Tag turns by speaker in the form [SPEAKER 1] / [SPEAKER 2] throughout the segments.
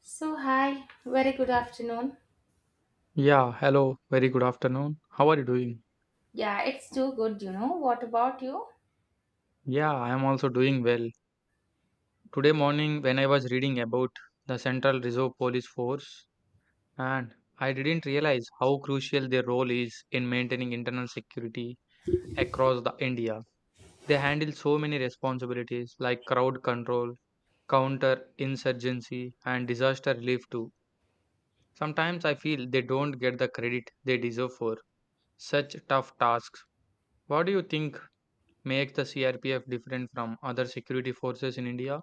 [SPEAKER 1] So, hi, very good afternoon.
[SPEAKER 2] Yeah, hello, very good afternoon. How are you doing?
[SPEAKER 1] Yeah, it's too good. What about you?
[SPEAKER 2] Yeah, I am also doing well. Today morning, when I was reading about the Central Reserve Police Force, and I didn't realize how crucial their role is in maintaining internal security across the India. They handle so many responsibilities like crowd control, counter insurgency, and disaster relief too. Sometimes I feel they don't get the credit they deserve for such tough tasks. What do you think make the CRPF different from other security forces in India?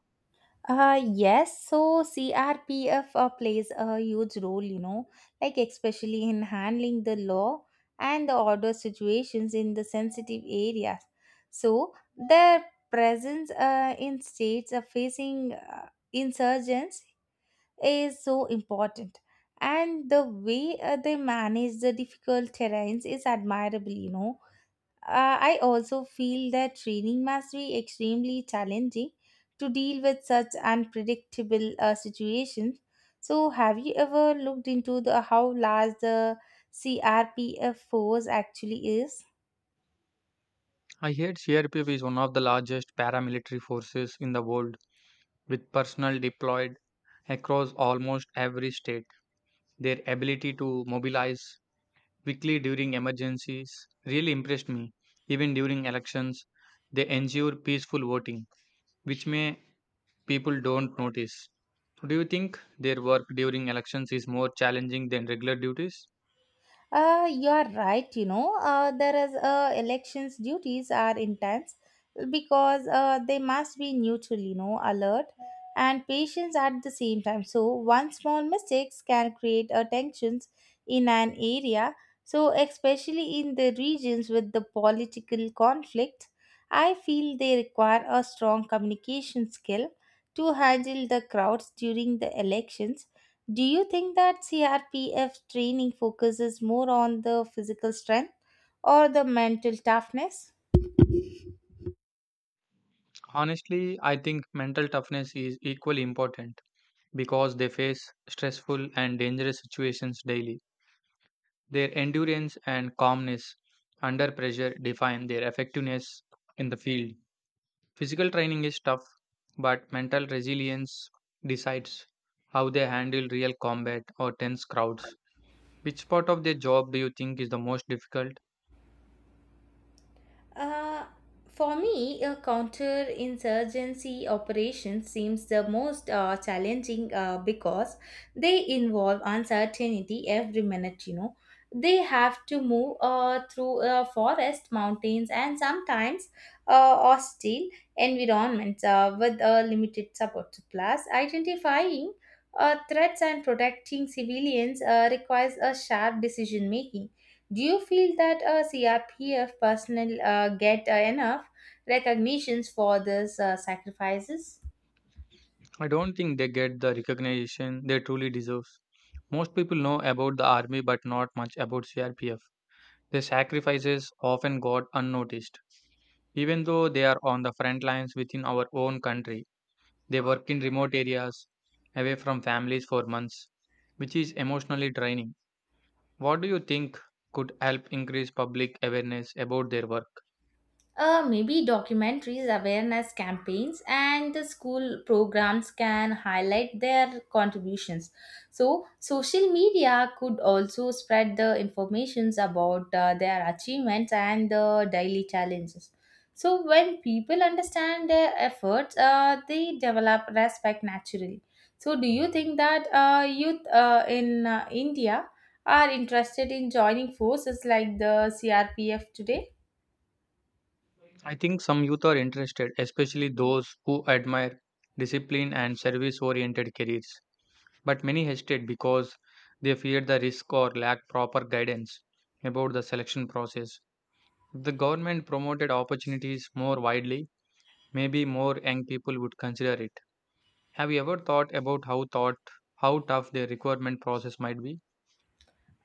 [SPEAKER 1] Yes, so CRPF plays a huge role, like especially in handling the law and the order situations in the sensitive areas. So their presence in states facing insurgents is so important, and the way they manage the difficult terrains is admirable. I also feel that training must be extremely challenging to deal with such unpredictable situations. So, have you ever looked into the how large the CRPF force actually is?
[SPEAKER 2] I heard CRPF is one of the largest paramilitary forces in the world, with personnel deployed across almost every state. Their ability to mobilize quickly during emergencies really impressed me. Even during elections, they ensure peaceful voting, which may people don't notice. Do you think their work during elections is more challenging than regular duties?
[SPEAKER 1] You are right. You know, there is Elections duties are intense because they must be neutral. Alert and patience at the same time. So one small mistakes can create tensions in an area. So especially in the regions with the political conflict, I feel they require a strong communication skill to handle the crowds during the elections. Do you think that CRPF training focuses more on the physical strength or the mental toughness?
[SPEAKER 2] Honestly, I think mental toughness is equally important because they face stressful and dangerous situations daily. Their endurance and calmness under pressure define their effectiveness in the field. Physical training is tough, but mental resilience decides how they handle real combat or tense crowds. Which part of their job do you think is the most difficult?
[SPEAKER 1] Uh, for me, a counterinsurgency operation seems the most challenging because they involve uncertainty every minute. They have to move through forest, mountains, and sometimes hostile environments with limited support. Plus, identifying threats and protecting civilians requires a sharp decision making. Do you feel that CRPF personnel get enough recognitions for these sacrifices?
[SPEAKER 2] I don't think they get the recognition they truly deserve. Most people know about the army but not much about CRPF. Their sacrifices often got unnoticed. Even though they are on the front lines within our own country, they work in remote areas, away from families for months, which is emotionally draining. What do you think could help increase public awareness about their work?
[SPEAKER 1] Maybe documentaries, awareness campaigns, and the school programs can highlight their contributions. So, social media could also spread the informations about their achievements and the daily challenges. So, when people understand their efforts, they develop respect naturally. So, do you think that youth in India are interested in joining forces like the CRPF today?
[SPEAKER 2] I think some youth are interested, especially those who admire discipline and service oriented careers. But many hesitate because they fear the risk or lack proper guidance about the selection process. If the government promoted opportunities more widely, maybe more young people would consider it. Have you ever thought about how tough the recruitment process might be?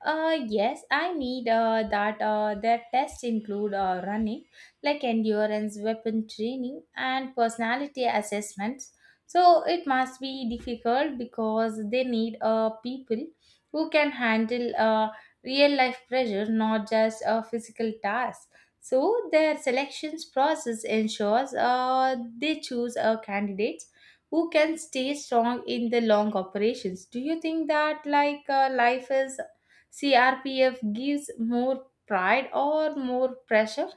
[SPEAKER 1] Yes, I need that their tests include running, like endurance, weapon training, and personality assessments. So it must be difficult because they need people who can handle real life pressure, not just physical tasks. So their selections process ensures they choose candidates who can stay strong in the long operations. Do you think that like life is CRPF gives more pride or more pressure?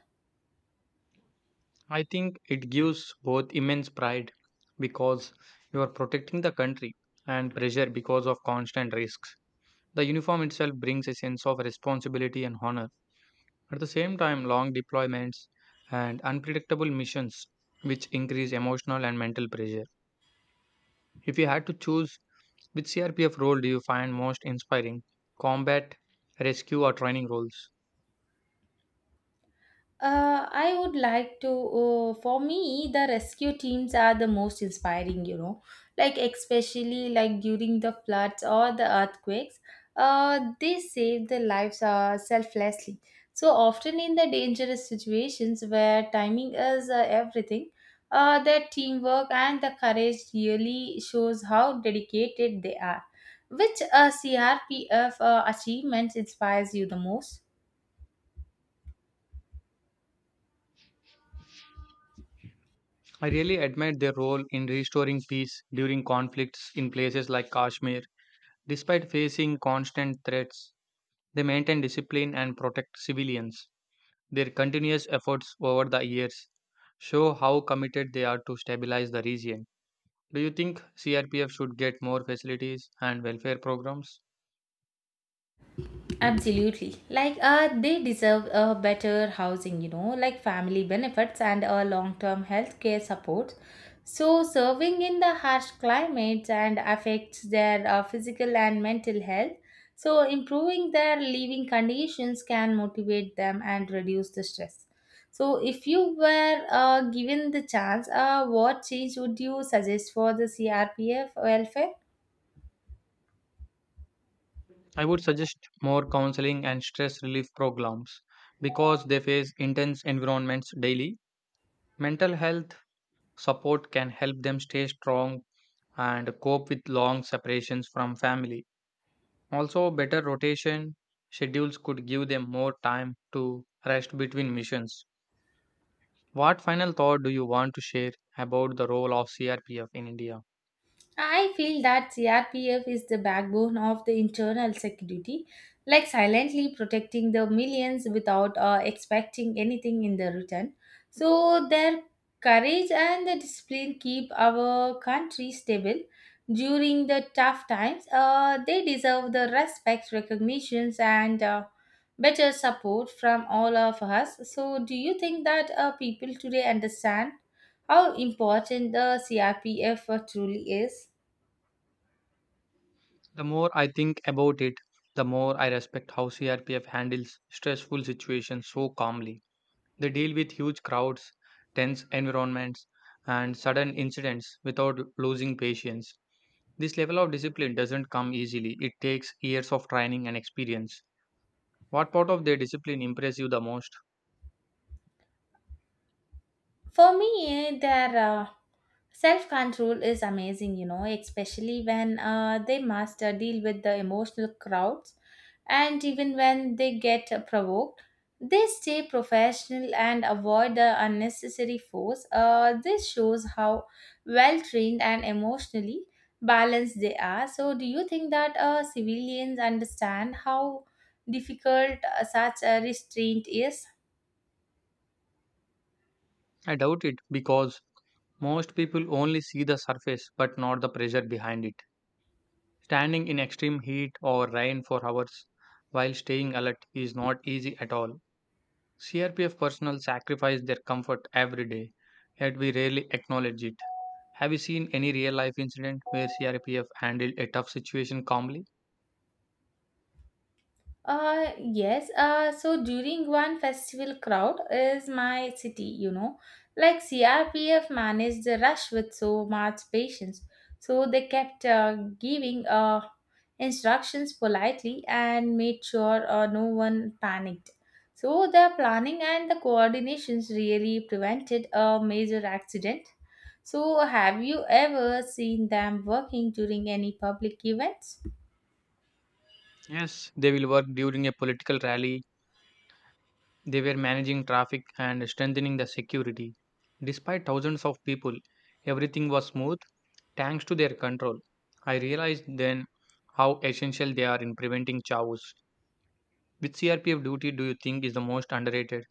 [SPEAKER 2] I think it gives both immense pride because you are protecting the country and pressure because of constant risks. The uniform itself brings a sense of responsibility and honor. At the same time, long deployments and unpredictable missions, which increase emotional and mental pressure. If you had to choose, which CRPF role do you find most inspiring? Combat, rescue, or training roles?
[SPEAKER 1] I would like to. For me, the rescue teams are the most inspiring. Like especially like during the floods or the earthquakes, they save the lives selflessly. So often in the dangerous situations where timing is everything, their teamwork and the courage really shows how dedicated they are. Which CRPF achievements inspires you the most?
[SPEAKER 2] I really admire their role in restoring peace during conflicts in places like Kashmir. Despite facing constant threats, they maintain discipline and protect civilians. Their continuous efforts over the years show how committed they are to stabilize the region. Do you think CRPF should get more facilities and welfare programs?
[SPEAKER 1] Absolutely. Like they deserve a better housing, like family benefits and a long-term healthcare support. So serving in the harsh climates and affects their physical and mental health. So improving their living conditions can motivate them and reduce the stress. So if you were given the chance, what change would you suggest for the CRPF welfare?
[SPEAKER 2] I would suggest more counseling and stress relief programs because they face intense environments daily. Mental health support can help them stay strong and cope with long separations from family. Also, better rotation schedules could give them more time to rest between missions. What final thought do you want to share about the role of CRPF in India?
[SPEAKER 1] I feel that CRPF is the backbone of the internal security, like silently protecting the millions without expecting anything in the return. So their courage and the discipline keep our country stable during the tough times. They deserve the respect, recognitions, and better support from all of us. So, do you think that people today understand how important the CRPF truly is?
[SPEAKER 2] The more I think about it, the more I respect how CRPF handles stressful situations so calmly. They deal with huge crowds, tense environments, and sudden incidents without losing patience. This level of discipline doesn't come easily, it takes years of training and experience. What part of their discipline impressed you the most?
[SPEAKER 1] For me, their self control is amazing, especially when they master deal with the emotional crowds and even when they get provoked. They stay professional and avoid the unnecessary force. This shows how well trained and emotionally balanced they are. So, do you think that civilians understand how difficult such a restraint is?
[SPEAKER 2] I doubt it because most people only see the surface but not the pressure behind it. Standing in extreme heat or rain for hours while staying alert is not easy at all. CRPF personnel sacrifice their comfort every day, yet we rarely acknowledge it. Have you seen any real life incident where CRPF handled a tough situation calmly?
[SPEAKER 1] Yes. So during one festival crowd is my city, like CRPF managed the rush with so much patience. So they kept giving instructions politely and made sure no one panicked. So the planning and the coordinations really prevented a major accident. So have you ever seen them working during any public events?
[SPEAKER 2] Yes, they will work during a political rally, they were managing traffic and strengthening the security. Despite thousands of people, everything was smooth thanks to their control. I realized then how essential they are in preventing chaos. Which CRPF duty do you think is the most underrated?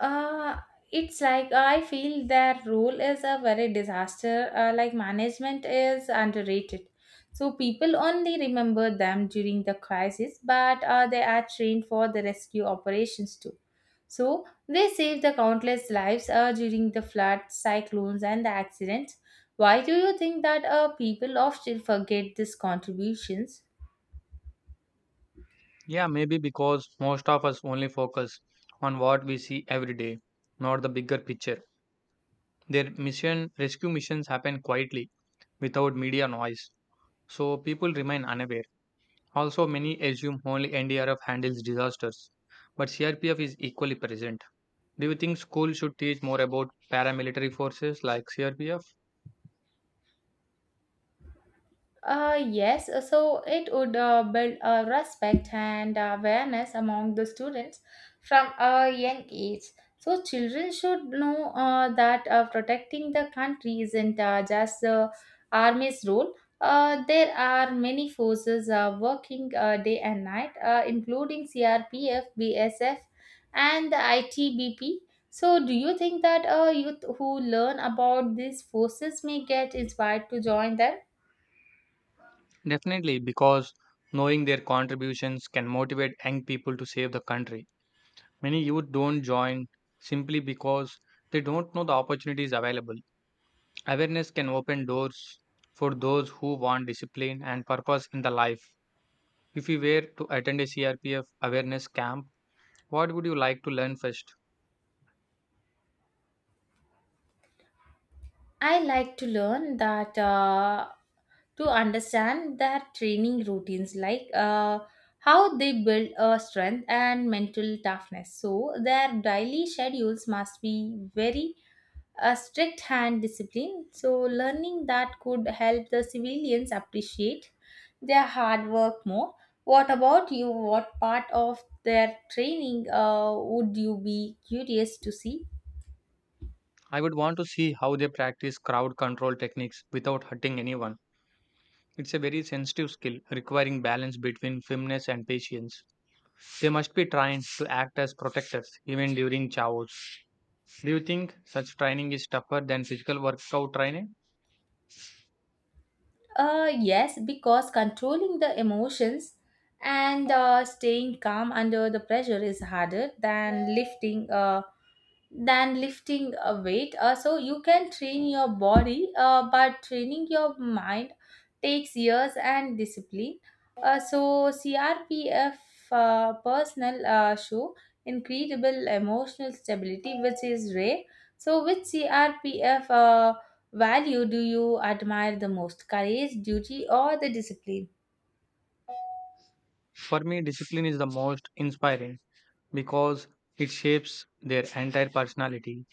[SPEAKER 1] uh it's like I feel their role is a very disaster like management is underrated. So people only remember them during the crisis, but they are trained for the rescue operations too. So they save the countless lives during the floods, cyclones, and the accidents. Why do you think that people often forget these contributions?
[SPEAKER 2] Yeah, maybe because most of us only focus on what we see every day, not the bigger picture. Their mission rescue missions happen quietly without media noise, so people remain unaware. Also, many assume only NDRF handles disasters, but CRPF is equally present. Do you think schools should teach more about paramilitary forces like CRPF?
[SPEAKER 1] Yes, so it would build respect and awareness among the students from a young age. So children should know that protecting the country isn't just the army's role. There are many forces working day and night, including CRPF, BSF, and the ITBP. So, do you think that youth who learn about these forces may get inspired to join them?
[SPEAKER 2] Definitely, because knowing their contributions can motivate young people to save the country. Many youth don't join simply because they don't know the opportunities available. Awareness can open doors for those who want discipline and purpose in the life. If you were to attend a CRPF awareness camp, what would you like to learn first?
[SPEAKER 1] I like to learn that to understand their training routines, like how they build strength and mental toughness. So their daily schedules must be very strict and disciplined. So learning that could help the civilians appreciate their hard work more. What about you? What part of their training would you be curious to see?
[SPEAKER 2] I would want to see how they practice crowd control techniques without hurting anyone. It's a very sensitive skill requiring balance between firmness and patience. They must be trained to act as protectors even during chaos. Do you think such training is tougher than physical workout training?
[SPEAKER 1] Yes, because controlling the emotions and staying calm under the pressure is harder than lifting a weight. So you can train your body, but training your mind takes years and discipline. So CRPF personal show incredible emotional stability, which is rare. So which CRPF value do you admire the most? Courage, duty, or the discipline?
[SPEAKER 2] For me, discipline is the most inspiring because it shapes their entire personality.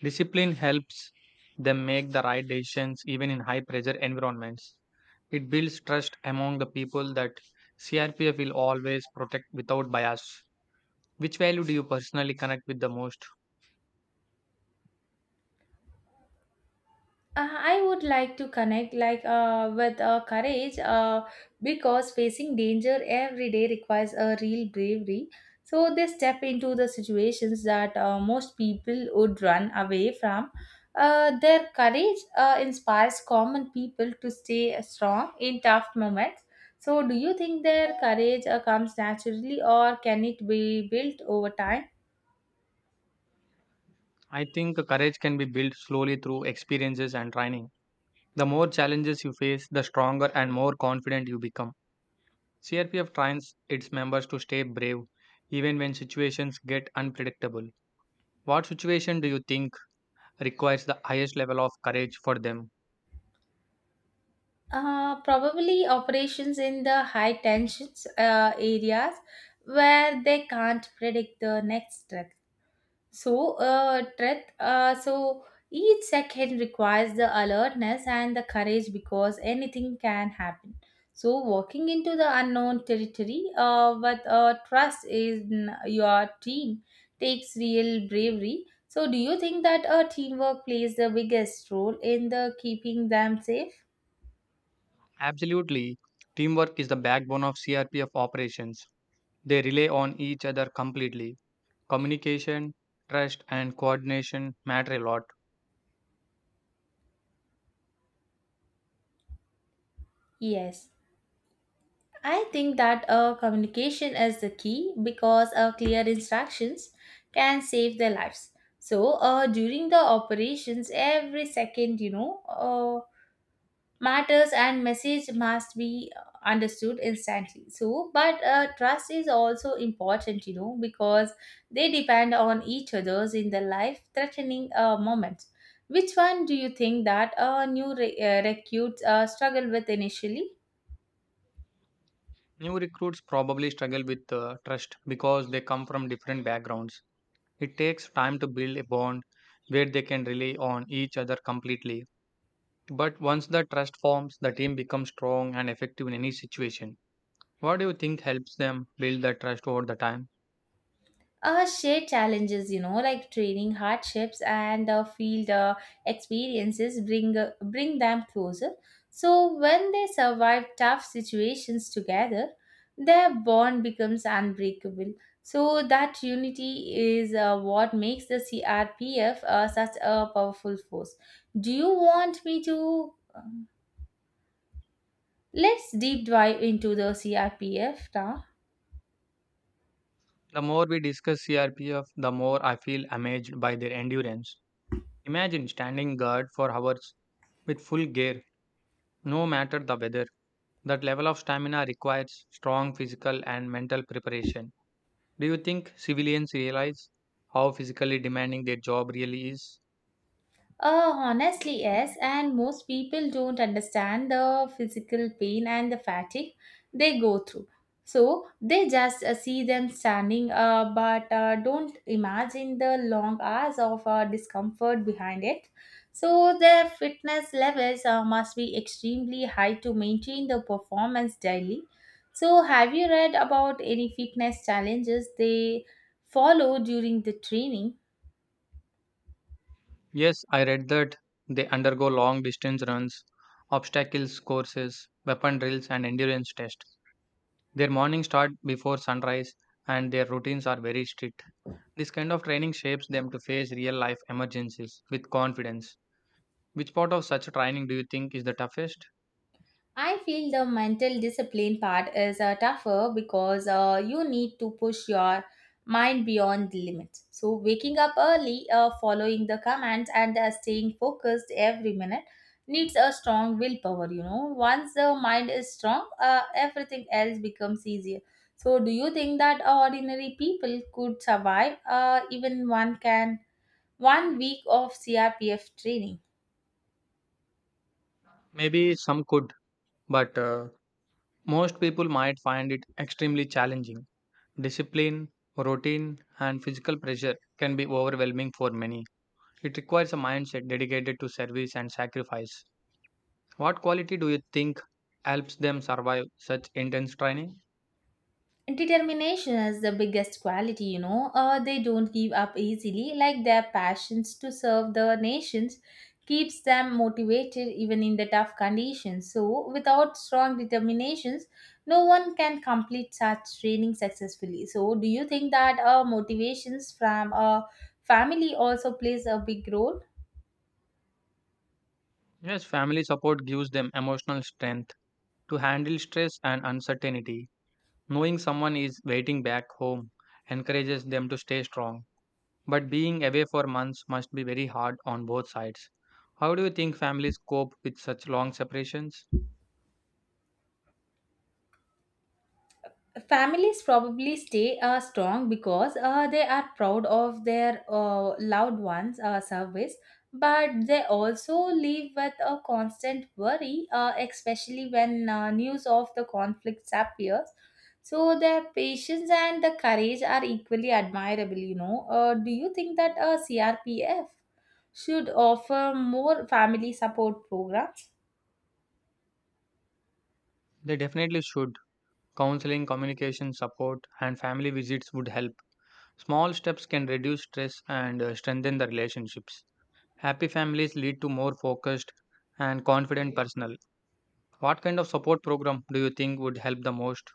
[SPEAKER 2] Discipline helps them make the right decisions even in high pressure environments. It builds trust among the people that CRPF will always protect without bias. Which value do you personally connect with the most?
[SPEAKER 1] I would like to connect like with courage because facing danger every day requires a real bravery. So they step into the situations that most people would run away from. Their courage inspires common people to stay strong in tough moments. So do you think their courage comes naturally or can it be built over time?
[SPEAKER 2] I think courage can be built slowly through experiences and training. The more challenges you face, the stronger and more confident you become. CRPF trains its members to stay brave even when situations get unpredictable. What situation do you think requires the highest level of courage for them?
[SPEAKER 1] Probably operations in the high tensions areas where they can't predict the next threat. So, threat. So each second requires the alertness and the courage because anything can happen. So, walking into the unknown territory with trust in your team takes real bravery. So, do you think that teamwork plays the biggest role in the keeping them safe?
[SPEAKER 2] Absolutely, teamwork is the backbone of CRPF operations. They rely on each other completely. Communication, trust, and coordination matter a lot.
[SPEAKER 1] Yes. I think that communication is the key because clear instructions can save their lives. So during the operations, every second, matters and message must be understood instantly. So, but trust is also important, because they depend on each other's in the life-threatening moments. Which one do you think that new recruits struggle with initially?
[SPEAKER 2] New recruits probably struggle with trust because they come from different backgrounds. It takes time to build a bond where they can rely on each other completely. But once the trust forms, the team becomes strong and effective in any situation. What do you think helps them build that trust over the time?
[SPEAKER 1] Shared challenges, like training hardships and field experiences bring them closer. So when they survive tough situations together, their bond becomes unbreakable. So that unity is what makes the CRPF such a powerful force. Do you want me to? Let's deep dive into the CRPF now.
[SPEAKER 2] The more we discuss CRPF, the more I feel amazed by their endurance. Imagine standing guard for hours with full gear, no matter the weather. That level of stamina requires strong physical and mental preparation. Do you think civilians realize how physically demanding their job really is?
[SPEAKER 1] Honestly, yes, and most people don't understand the physical pain and the fatigue they go through. So they just see them standing, but don't imagine the long hours of discomfort behind it. So their fitness levels must be extremely high to maintain the performance daily. So, have you read about any fitness challenges they follow during the training?
[SPEAKER 2] Yes, I read that they undergo long distance runs, obstacles courses, weapon drills, and endurance tests. Their mornings start before sunrise and their routines are very strict. This kind of training shapes them to face real life emergencies with confidence. Which part of such training do you think is the toughest?
[SPEAKER 1] I feel the mental discipline part is tougher because you need to push your mind beyond the limits. So, waking up early, following the commands, and staying focused every minute needs a strong willpower. Once the mind is strong, everything else becomes easier. So, do you think that ordinary people could survive even 1 week of CRPF training?
[SPEAKER 2] Maybe some could, but most people might find it extremely challenging. Discipline, routine, and physical pressure can be overwhelming for many. It requires a mindset dedicated to service and sacrifice. What quality do you think helps them survive such intense training?
[SPEAKER 1] Determination is the biggest quality. They don't give up easily, like their passions to serve the nations keeps them motivated even in the tough conditions. So, without strong determinations, no one can complete such training successfully. So, do you think that motivations from a family also plays a big role?
[SPEAKER 2] Yes, family support gives them emotional strength to handle stress and uncertainty. Knowing someone is waiting back home encourages them to stay strong. But being away for months must be very hard on both sides. How do you think families cope with such long separations?
[SPEAKER 1] Families probably stay strong because they are proud of their loved ones service, but they also live with a constant worry especially when news of the conflicts appears. So their patience and the courage are equally admirable. Do you think that a crpf should offer more family support program?
[SPEAKER 2] They definitely should. Counseling, communication support, and family visits would help. Small steps can reduce stress and strengthen the relationships. Happy families lead to more focused and confident personnel. What kind of support program do you think would help the most?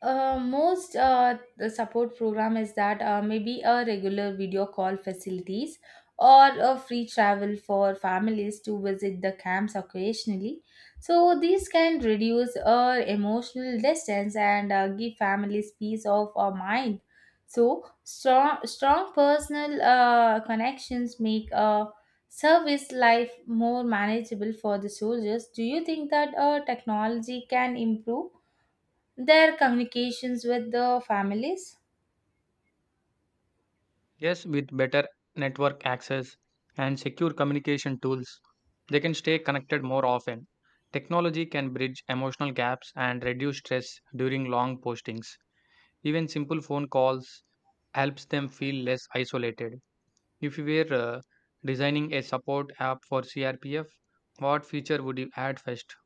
[SPEAKER 1] Most the support program is that maybe a regular video call facilities or a free travel for families to visit the camps occasionally. So these can reduce emotional distance and give families peace of mind. So strong personal connections make service life more manageable for the soldiers. Do you think that technology can improve their communications with the families?
[SPEAKER 2] Yes, with better network access and secure communication tools, they can stay connected more often. Technology can bridge emotional gaps and reduce stress during long postings. Even simple phone calls helps them feel less isolated. If you were designing a support app for CRPF, what feature would you add first?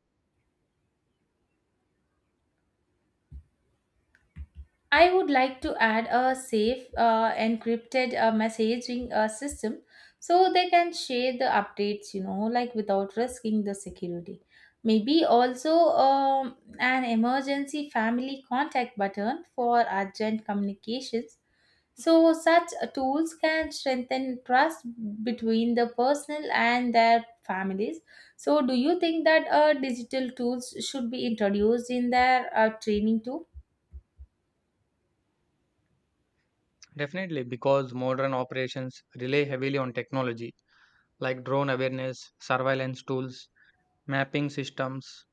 [SPEAKER 1] I would like to add a safe, encrypted messaging system so they can share the updates like without risking the security. Maybe also an emergency family contact button for urgent communications. So, such tools can strengthen trust between the personal and their families. So, do you think that digital tools should be introduced in their training too?
[SPEAKER 2] Definitely, because modern operations rely heavily on technology like drone awareness, surveillance tools, mapping systems,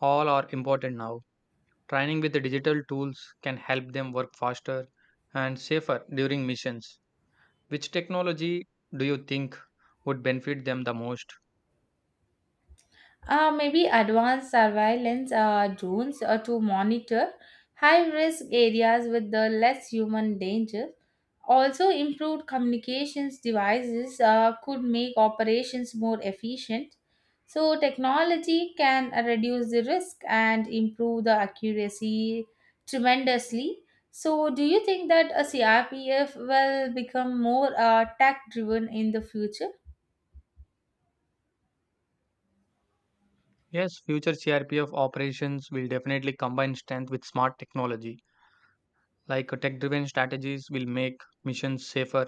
[SPEAKER 2] all are important now. Training with the digital tools can help them work faster and safer during missions. Which technology do you think would benefit them the most?
[SPEAKER 1] Maybe advanced surveillance drones to monitor high risk areas with the less human danger. Also, improved communications devices could make operations more efficient. So, technology can reduce the risk and improve the accuracy tremendously. So, do you think that a CRPF will become more tech driven in the future?
[SPEAKER 2] Yes, future CRPF operations will definitely combine strength with smart technology. Like tech driven strategies will make missions safer,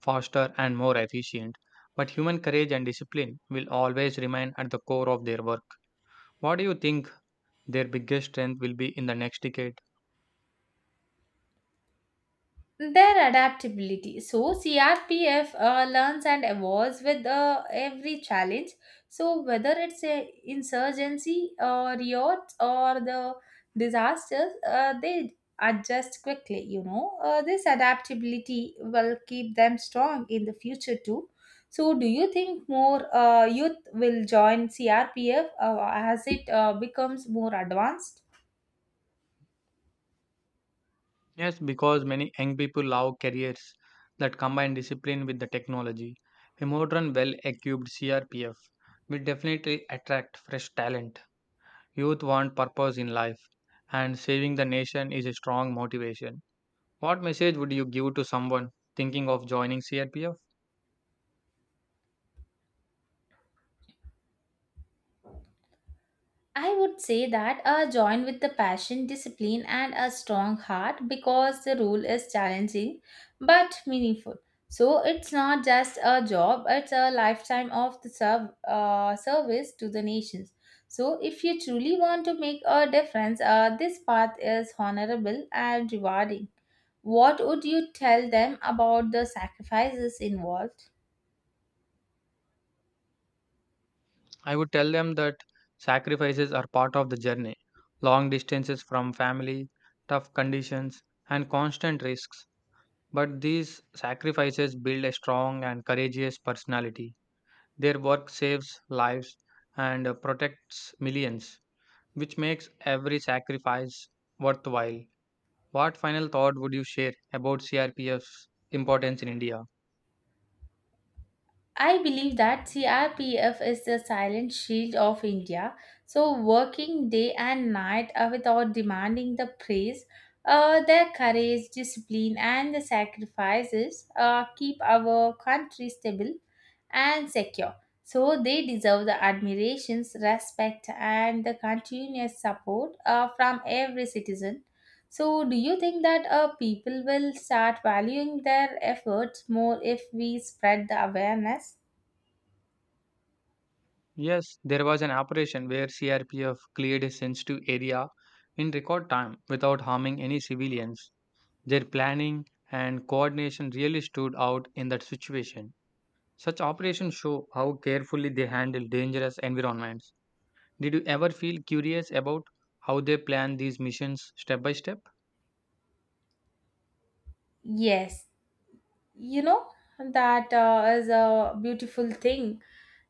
[SPEAKER 2] faster, and more efficient. But human courage and discipline will always remain at the core of their work. What do you think their biggest strength will be in the next decade?
[SPEAKER 1] Their adaptability. So CRPF learns and evolves with every challenge. So whether it's a insurgency or yachts or the disasters, they adjust quickly. You know, this adaptability will keep them strong in the future too. So, do you think more youth will join CRPF as it becomes more advanced?
[SPEAKER 2] Yes, because many young people love careers that combine discipline with the technology. A modern, well equipped CRPF will definitely attract fresh talent. Youth want purpose in life, and saving the nation is a strong motivation. What message would you give to someone thinking of joining CRPF?
[SPEAKER 1] I would say that join with the passion, discipline, and a strong heart because the role is challenging but meaningful. So it's not just a job, it's a lifetime of the service to the nations. So if you truly want to make a difference, this path is honorable and rewarding. What would you tell them about the sacrifices involved?
[SPEAKER 2] I would tell them that sacrifices are part of the journey. Long distances from family, tough conditions, and constant risks. But these sacrifices build a strong and courageous personality. Their work saves lives and protects millions, which makes every sacrifice worthwhile. What final thought would you share about CRPF's importance in India?
[SPEAKER 1] I believe that CRPF is the silent shield of India. So, working day and night without demanding the praise, their courage, discipline, and the sacrifices keep our country stable and secure. So, they deserve the admirations, respect, and the continuous support from every citizen. So, do you think that people will start valuing their efforts more if we spread the awareness?
[SPEAKER 2] Yes, there was an operation where CRPF cleared a sensitive area in record time without harming any civilians. Their planning and coordination really stood out in that situation. Such operations show how carefully they handle dangerous environments. Did you ever feel curious about how they plan these missions step by step?
[SPEAKER 1] Yes, you know that is a beautiful thing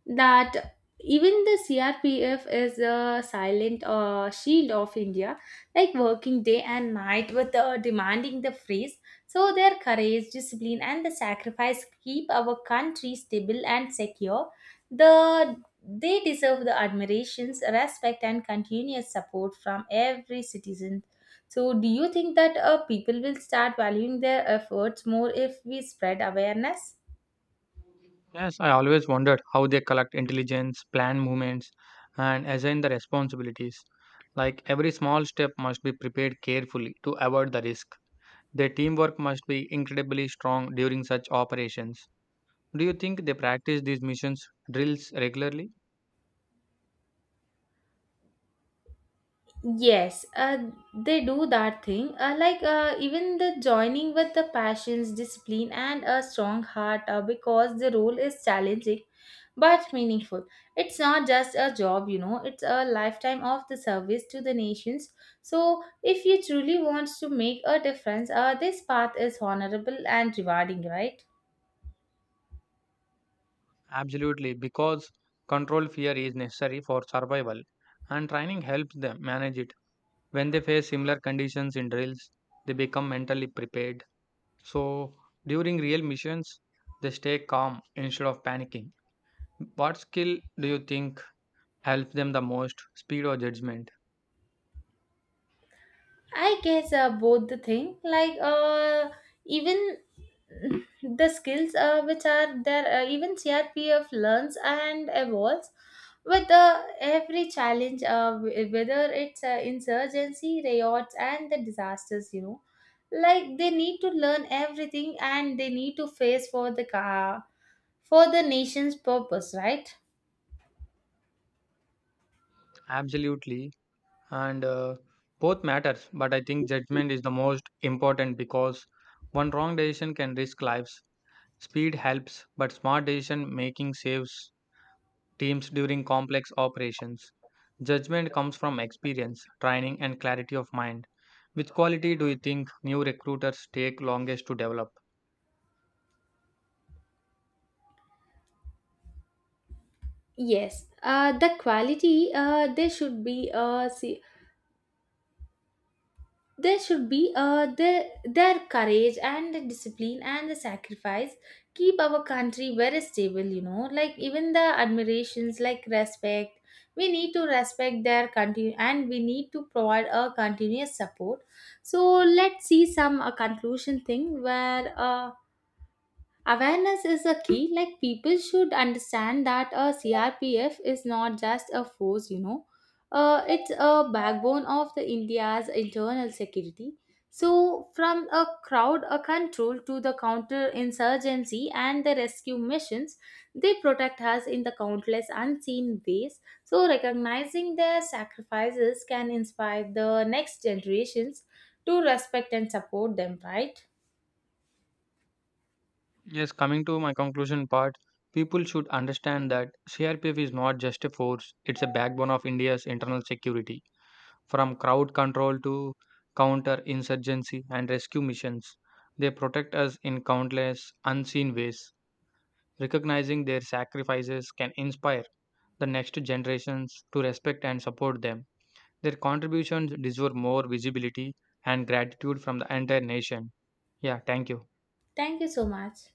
[SPEAKER 1] that even the CRPF is a silent shield of India, like working day and night with demanding the freeze. So their courage, discipline, and the sacrifice keep our country stable and secure. They deserve the admirations, respect, and continuous support from every citizen. So, do you think that people will start valuing their efforts more if we spread awareness?
[SPEAKER 2] Yes, I always wondered how they collect intelligence, plan movements, and assign the responsibilities. Like every small step must be prepared carefully to avoid the risk. Their teamwork must be incredibly strong during such operations. Do you think they practice these missions drills regularly?
[SPEAKER 1] Yes, they do that thing. Like even the joining with the passions, discipline, and a strong heart, because the role is challenging but meaningful. It's not just a job. It's a lifetime of the service to the nations. So, if you truly want to make a difference, this path is honorable and rewarding, right?
[SPEAKER 2] Absolutely, because control fear is necessary for survival, and training helps them manage it. When they face similar conditions in drills, they become mentally prepared. So during real missions, they stay calm instead of panicking. What skill do you think helps them the most? Speed or judgment?
[SPEAKER 1] I guess both the thing like even the skills which are there even CRPF learns and evolves with every challenge whether it's insurgency riots and the disasters, you know, like they need to learn everything and they need to face for the nation's purpose, right?
[SPEAKER 2] Absolutely. And both matters, but I think judgment is the most important because one wrong decision can risk lives. Speed helps, but smart decision making saves teams during complex operations. Judgment comes from experience, training, and clarity of mind. Which quality do you think new recruiters take longest to develop?
[SPEAKER 1] Yes, the quality they there should be their courage and the discipline and the sacrifice keep our country very stable, you know, like even the admirations, like respect, we need to respect their country and we need to provide a continuous support. So let's see some conclusion thing where awareness is a key. Like people should understand that a CRPF is not just a force, it's a backbone of the India's internal security. So, from a crowd a control to the counter-insurgency and the rescue missions, they protect us in the countless unseen ways. So, recognizing their sacrifices can inspire the next generations to respect and support them. Right?
[SPEAKER 2] Yes, coming to my conclusion part, people should understand that CRPF is not just a force, it's a backbone of India's internal security. From crowd control to counter insurgency and rescue missions, they protect us in countless unseen ways. Recognizing their sacrifices can inspire the next generations to respect and support them. Their contributions deserve more visibility and gratitude from the entire nation. Yeah, thank you.
[SPEAKER 1] Thank you so much.